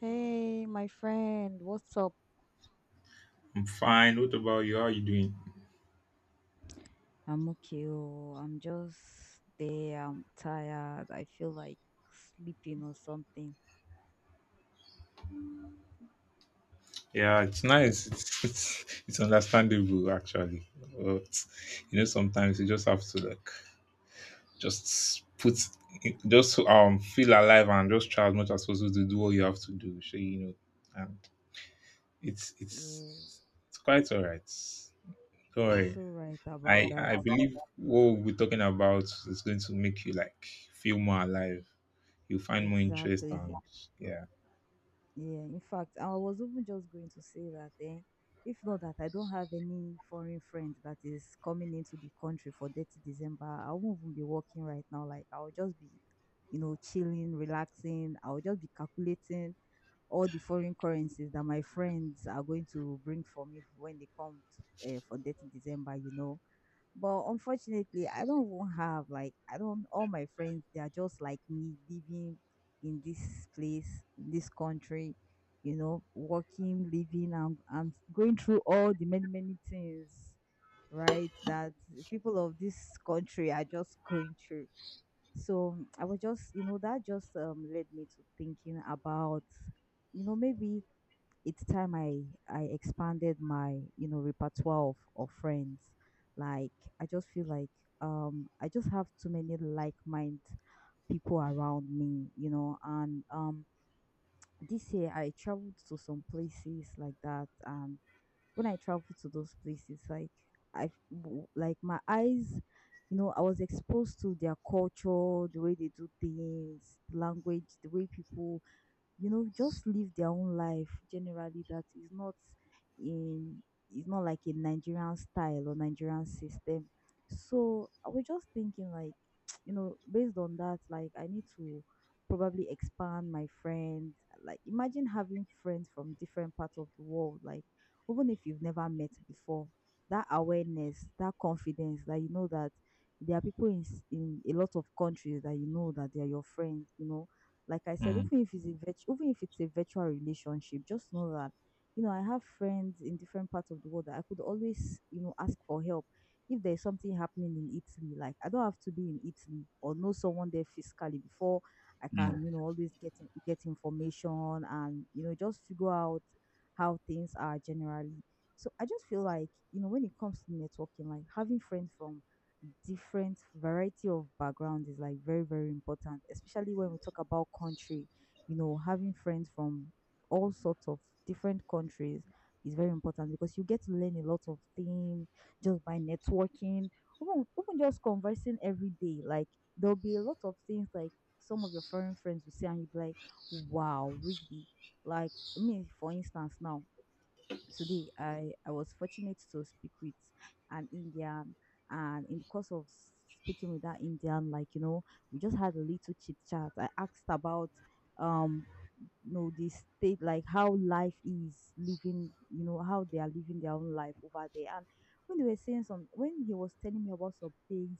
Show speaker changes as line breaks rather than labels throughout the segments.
Hey, my friend, what's up?
I'm fine. What about you? How are you doing?
I'm okay. Oh, I'm just there. I'm tired. I feel like sleeping or something.
Yeah, it's nice. It's understandable actually. But sometimes you just have to like just put just feel alive and just try as much as possible to do what you have to do. So and it's
Yeah,
it's it's quite alright. Don't
you're
worry.
so right about
I
that.
I believe what we're talking about is going to make you like feel more alive. You'll find more interest and
Exactly. Uh,
yeah.
Yeah, in fact, I was even just going to say that, if not that I don't have any foreign friend that is coming into the country for 30 December, I won't even be working right now. Like, I'll just be, chilling, relaxing. I'll just be calculating all the foreign currencies that my friends are going to bring for me when they come to, for 30 December. But unfortunately, I don't even have like I don't all my friends they are just like me living in this place, in this country, working, living and going through all the many many things, right? That people of this country are just going through. So I was just, that just led me to thinking about you know maybe it's time I expanded my you know repertoire of friends. Like I just feel like I just have too many like minded people around me, and this year I traveled to some places like that, and when I traveled to those places like like my eyes, you know, I was exposed to their culture, the way they do things, the language, the way people, you know, just live their own life generally that is not in is not like a Nigerian style or Nigerian system. So I was just thinking like, you know, based on that, like I need to probably expand my friends. Like imagine having friends from different parts of the world, like even if you've never met before, that awareness, that confidence that you know that there are people in a lot of countries that you know that they are your friends, you know, like I said,
Mm,
even if it's a even if it's a virtual relationship, just know that you know I have friends in different parts of the world that I could always, you know, ask for help if there's something happening in Italy. Like I don't have to be in Italy or know someone there physically before I
mm.
can, you know, always get information and, you know, just figure out how things are generally. So I just feel like, you know, when it comes to networking, like having friends from different variety of backgrounds is like very very important, especially when we talk about country, you know, having friends from all sorts of different countries is very important because you get to learn a lot of things just by networking, even, even just conversing every day. Like there'll be a lot of things like some of your foreign friends will say and you'll be like wow really, like me for instance, now today I was fortunate to speak with an indian, and in the course of speaking with that indian, like, you know, we just had a little chit chat. I asked about um you know the state, like how life is living, you know, how they are living their own life over there, and when they were saying some when he was telling me about some things,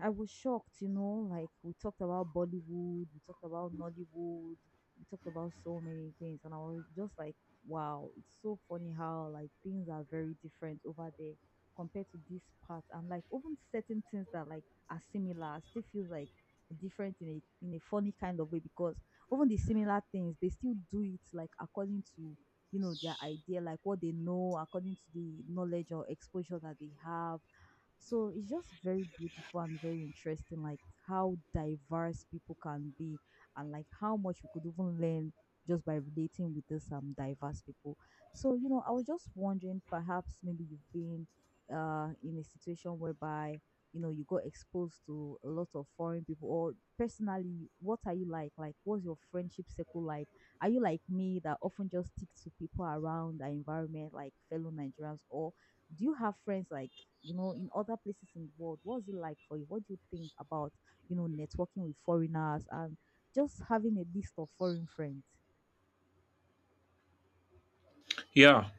I was shocked, you know, like we talked about Bollywood, we talked about Nollywood, we talked about so many things, and I was just like, wow, it's so funny how like things are very different over there compared to this part, and like even certain things that like are similar still feels like different in a funny kind of way, because even the similar things they still do it like according to, you know, their idea, like what they know according to the knowledge or exposure that they have. So it's just very beautiful and very interesting, like how diverse people can be and like how much we could even learn just by relating with this diverse people. So, I was just wondering perhaps maybe you've been in a situation whereby, you know, you got exposed to a lot of foreign people. Or personally, what are you like what's your friendship circle like? Are you like me that often just stick to people around the environment, like fellow nigerians, or do you have friends like, you know, in other places in the world? What's it like for you? What do you think about, networking with foreigners and just having a list of foreign friends?
Yeah,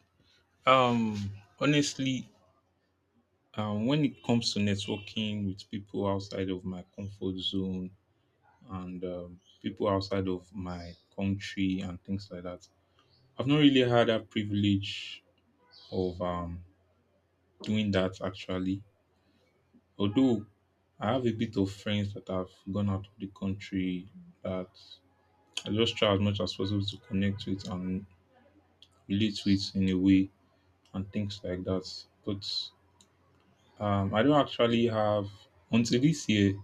Um, honestly, when it comes to networking with people outside of my comfort zone and people outside of my country and things like that, I've not really had that privilege of doing that actually. Although I have a bit of friends that have gone out of the country that I just try as much as possible to connect with and relate with in a way and things like that. But I don't actually have until this year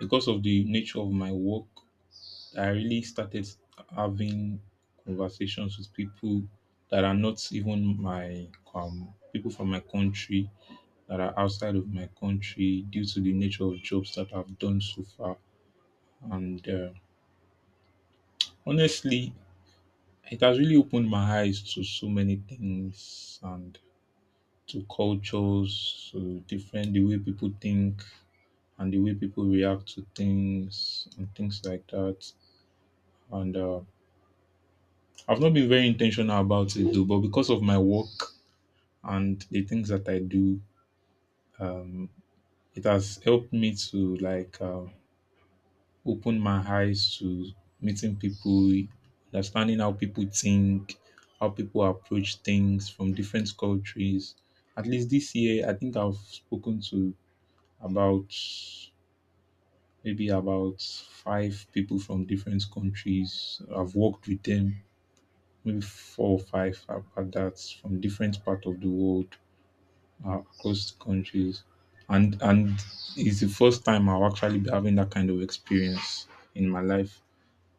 because of the nature of my work. I really started having conversations with people that are not even my people from my country that are outside of my country due to the nature of jobs that I've done so far. And honestly, it has really opened my eyes to so many things and to cultures, to different the way people think and the way people react to things and things like that. And I've not been very intentional about it though, but because of my work and the things that I do, um, it has helped me to like open my eyes to meeting people, understanding how people think, how people approach things from different cultures. At least this year, I think I've spoken to about maybe about five people from different countries. I've worked with them, maybe four or five at that from different part of the world, across the countries. And it's the first time I'll actually be having that kind of experience in my life.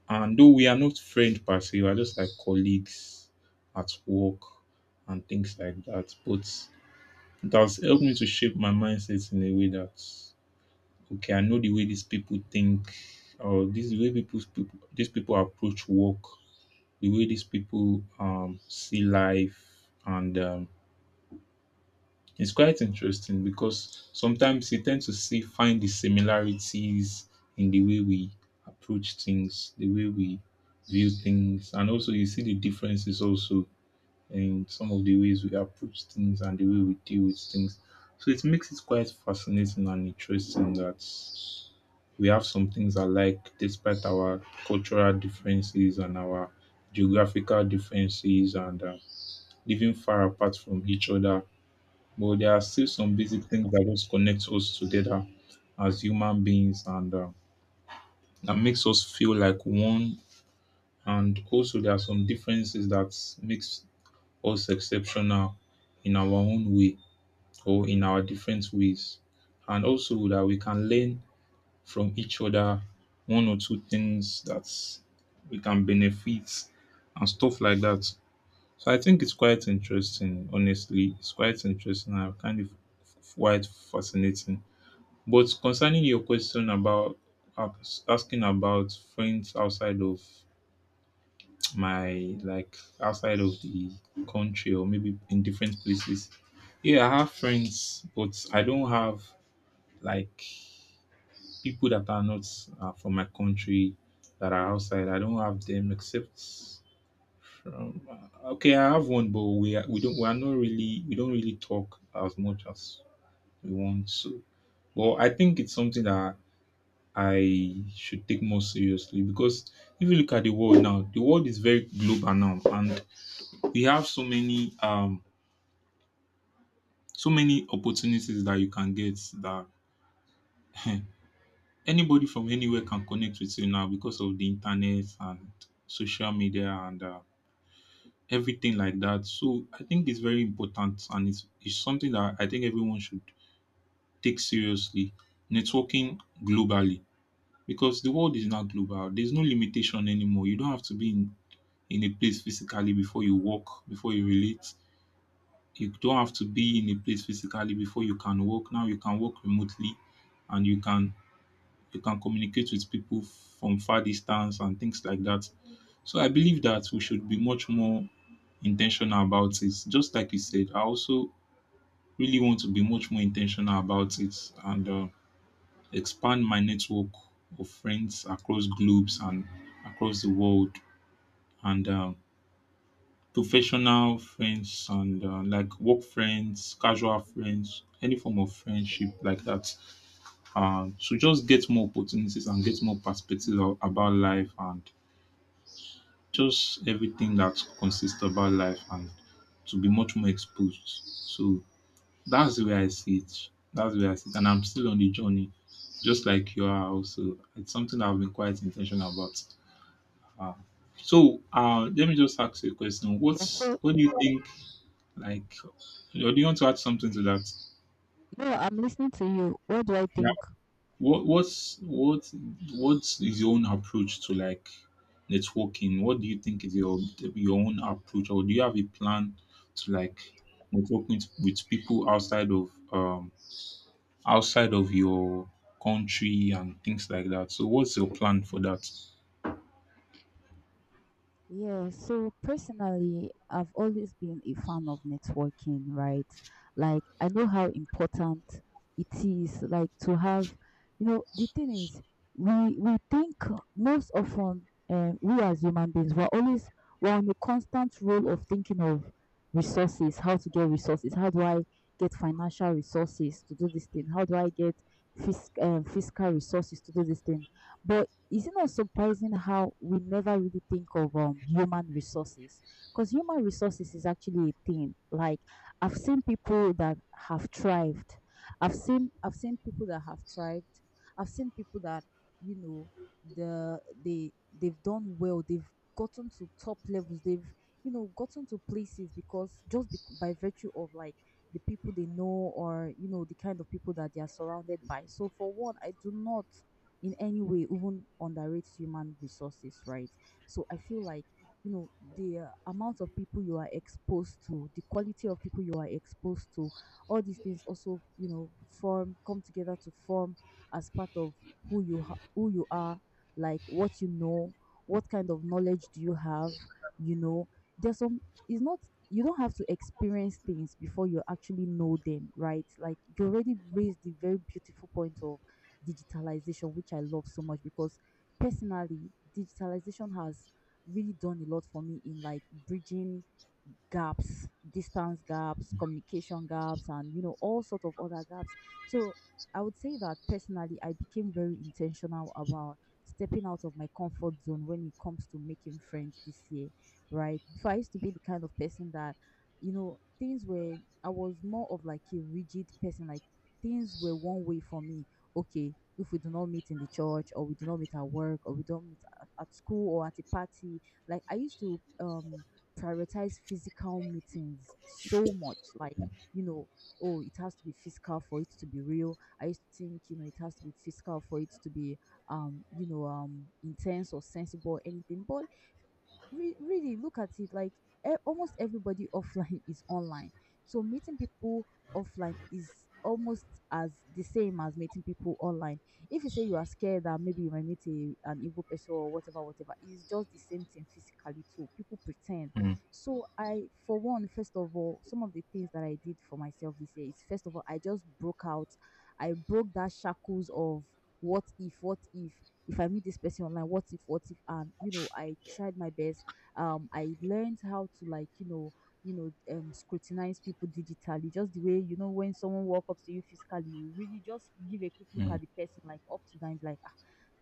And though we are not friends per se, we're just like colleagues at work and things like that. But it has helped me to shape my mindset in a way that okay, I know the way these people think, or this the way people, people these people approach work, the way these people see life, and it's quite interesting because sometimes you tend to see find the similarities in the way we approach things, the way we view things, and also you see the differences also in some of the ways we approach things and the way we deal with things. So it makes it quite fascinating and interesting that we have some things alike despite our cultural differences and our geographical differences and living far apart from each other. But there are still some basic things that just connect us together as human beings and that makes us feel like one. And also, there are some differences that makes us exceptional in our own way or in our different ways. And also that we can learn from each other, one or two things that we can benefit and stuff like that. So I think it's quite interesting, honestly. It's quite interesting and kind of quite fascinating. But concerning your question about asking about friends outside of my like outside of the country or maybe in different places. Yeah, I have friends, but I don't have like people that are not from my country that are outside. I don't have them except from okay. I have one, but we are, we don't we are not really we don't really talk as much as we want to. Well, I think it's something that I should take more seriously because if you look at the world now, the world is very global now, and we have so many so many opportunities that you can get that Anybody from anywhere can connect with you now because of the internet and social media and everything like that. So I think it's very important and it's something that I think everyone should take seriously. Networking globally because the world is now global. There's no limitation anymore. You don't have to be in a place physically before you walk, before you relate. You don't have to be in a place physically before you can work. Now you can work remotely and you can communicate with people from far distance and things like that. So I believe that we should be much more intentional about it. Just like you said, I also really want to be much more intentional about it and expand my network of friends across globes and across the world and professional friends and like work friends, casual friends, any form of friendship like that. So just get more opportunities and get more perspective about life and just everything that consists about life and to be much more exposed. So that's the way I see it. That's the way I see it. And I'm still on the journey, just like you are also. It's something that I've been quite intentional about. Uh, so let me just ask you a question.
Yeah, so
What do you think like or do you want to add something to that?
no, I'm listening to you. What do I think?
What what's what what's your own approach to like networking? What do you think is your own approach, or do you have a plan to like networking with people outside of your country and things like that? So what's your plan for that?
Yeah, so personally, I've always been a fan of networking, right? Like, I know how important it is, like, to have, the thing is, we think most often, we as human beings, we're always we're on a constant role of thinking of resources, how to get resources, how do I get financial resources to do this thing, how do I get fiscal resources to do this thing, but is it not surprising how we never really think of human resources? Because human resources is actually a thing. Like I've seen people that have thrived. I've seen people that have thrived. I've seen people that you know they've done well. They've gotten to top levels. They've, you know, gotten to places because just bec by virtue of like the people they know, or, you know, the kind of people that they are surrounded by. So for one, I do not in any way even underrates human resources, right? So I feel like, you know, the amount of people you are exposed to, the quality of people you are exposed to, all these things also, you know, form come together to form as part of who you are, like what you know, what kind of knowledge do you have, you know. There's some it's not you don't have to experience things before you actually know them, right? Like you already raised the very beautiful point of digitalization, which I love so much because personally, digitalization has really done a lot for me in like bridging gaps, distance gaps, communication gaps, and, you know, all sort of other gaps. So I would say that personally, I became very intentional about stepping out of my comfort zone when it comes to making friends this year, right? Before I used to be the kind of person that, you know, things were, I was more of like a rigid person, like things were one way for me. Okay, if we do not meet in the church or we do not meet at work or we don't meet at school or at a party, like I used to prioritize physical meetings so much, like, you know, oh, it has to be physical for it to be real. I used to think, you know, it has to be physical for it to be you know, intense or sensible or anything. But really look at it like almost everybody offline is online, so meeting people offline is almost as the same as meeting people online. If you say you are scared that maybe you might meet a, an evil person or whatever whatever, it's just the same thing. Physically too people pretend,
Mm,
so I for one, first of all, some of the things that I did for myself this year is, first of all, I just broke out. I broke That shackles of what if, what if I meet this person online, what if, and you know, I tried my best. I learned how to like, you know, you know, scrutinize people digitally just the way, you know, when someone walk up to you physically, you really just give a quick look
mm,
at the person, like up to them like ah,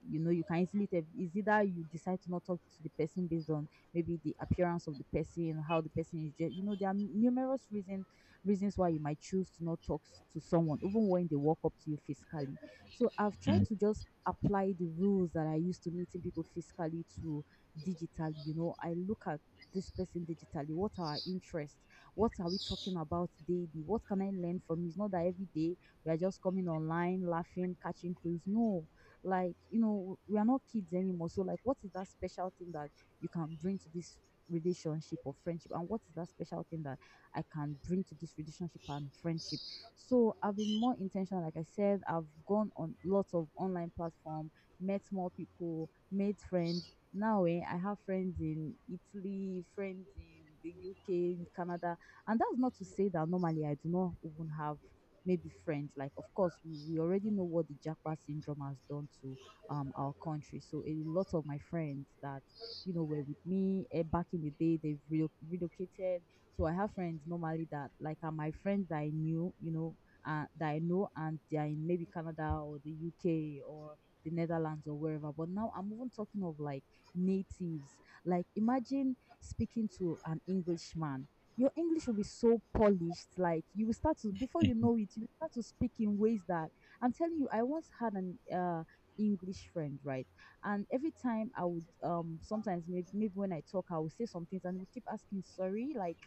you know, you can easily tell. Is either you decide to not talk to the person based on maybe the appearance of the person, how the person is you know, there are numerous reasons why you might choose to not talk to someone even when they walk up to you physically. So I've tried
mm,
to just apply the rules that I used to meeting people physically to digital. You know, I look at this person digitally, what are our interests, what are we talking about daily, what can I learn from you? It's not that every day we are just coming online laughing catching clues. No, like you know we are not kids anymore. So like, what is that special thing that you can bring to this relationship or friendship, and what is that special thing that I can bring to this relationship and friendship? So I've been more intentional. Like I said, I've gone on lots of online platform, met more people, made friends. Now I have friends in Italy, friends in the UK, in Canada. And that's not to say that normally I do not even have maybe friends. Like, of course, we already know what the Jackpot syndrome has done to our country. So a lot of my friends that you know were with me back in the day, they've relocated. So I have friends normally that like are my friends that I knew, you know, that I know, and they are in maybe Canada or the UK or the Netherlands or wherever. But now I'm even talking of like natives. Like imagine speaking to an Englishman. Your English will be so polished, like you will start to, before you know it, you will start to speak in ways that, I'm telling you, I once had an English friend, right? And every time I would sometimes maybe when I talk, I will say some things and we keep asking, sorry, like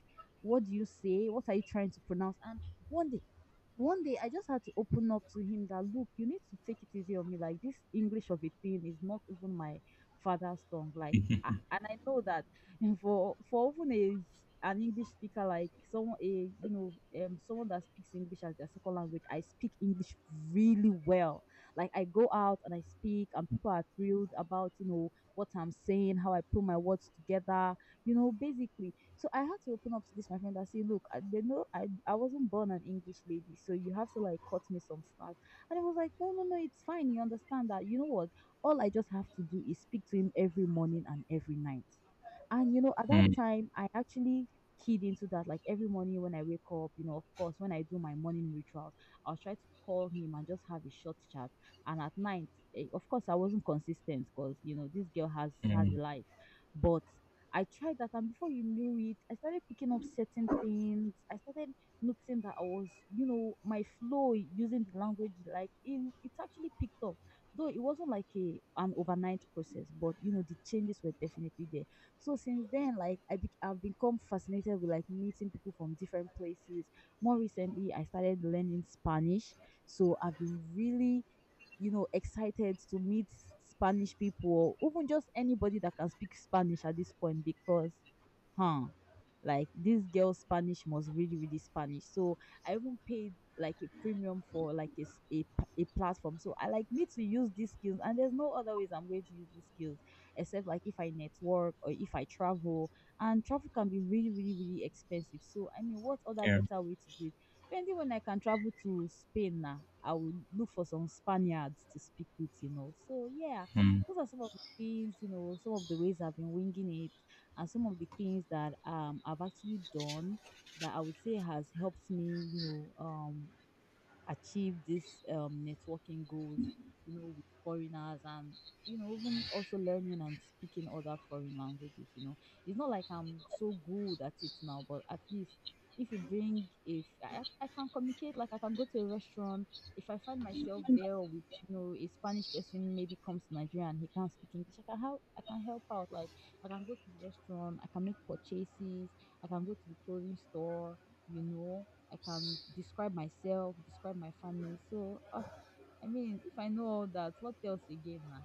what do you say? What are you trying to pronounce? And one day one day I just had to open up to him that look, you need to take it easy on me. Like, this English of a thing is not even my father's tongue. Like, ah, and I know that for even a an English speaker, like someone a you know someone that speaks English as their second language, I speak English really well. Like I go out and I speak, and people are thrilled about, you know, what I'm saying, how I put my words together, you know, basically. So I had to open up to this my friend and say, look, I, they know I wasn't born an English lady, so you have to like cut me some slack. And I was like, no, no, no, it's fine. You understand that? You know what? All I just have to do is speak to him every morning and every night. And you know, at that
mm,
time, I actually keyed into that. Like every morning when I wake up, you know, of course, when I do my morning rituals, I'll try to call him and just have a short chat. And at night, eh, of course, I wasn't consistent because you know this girl has
mm,
a life, but I tried that, and before you knew it, I started picking up certain things. I started noticing that I was, you know, my flow using the language, like, in it's actually picked up. Though it wasn't like a an overnight process, but you know, the changes were definitely there. So since then, like I've become fascinated with like meeting people from different places. More recently, I started learning Spanish, so I've been really, you know, excited to meet Spanish people or even just anybody that can speak Spanish at this point because, huh, like this girl's Spanish was really, really Spanish. So I even paid like a premium for like a, s- a, p- a platform. So I like me to use these skills and there's no other ways I'm going to use these skills except like if I network or if I travel, and travel can be really, really, really expensive. So I mean, what other
yeah.
better way to do it? Maybe when I can travel to Spain now, I will look for some Spaniards to speak with, you know. So yeah, those are some of the things, you know, some of the ways I've been winging it, and some of the things that I've actually done that I would say has helped me, know, um achieve these networking goals, you know, with foreigners and you know, even also learning and speaking other foreign languages. You know, it's not like I'm so good at it now, but at least if you bring if I, I can communicate. Like, I can go to a restaurant. If I find myself there with, you know, a Spanish person maybe comes to Nigeria and he can't speak English, I can help, I can help out. Like, I can go to the restaurant, I can make purchases, I can go to the clothing store, you know, I can describe myself, describe my family. So, oh, I mean, if I know all that, what else again? Na?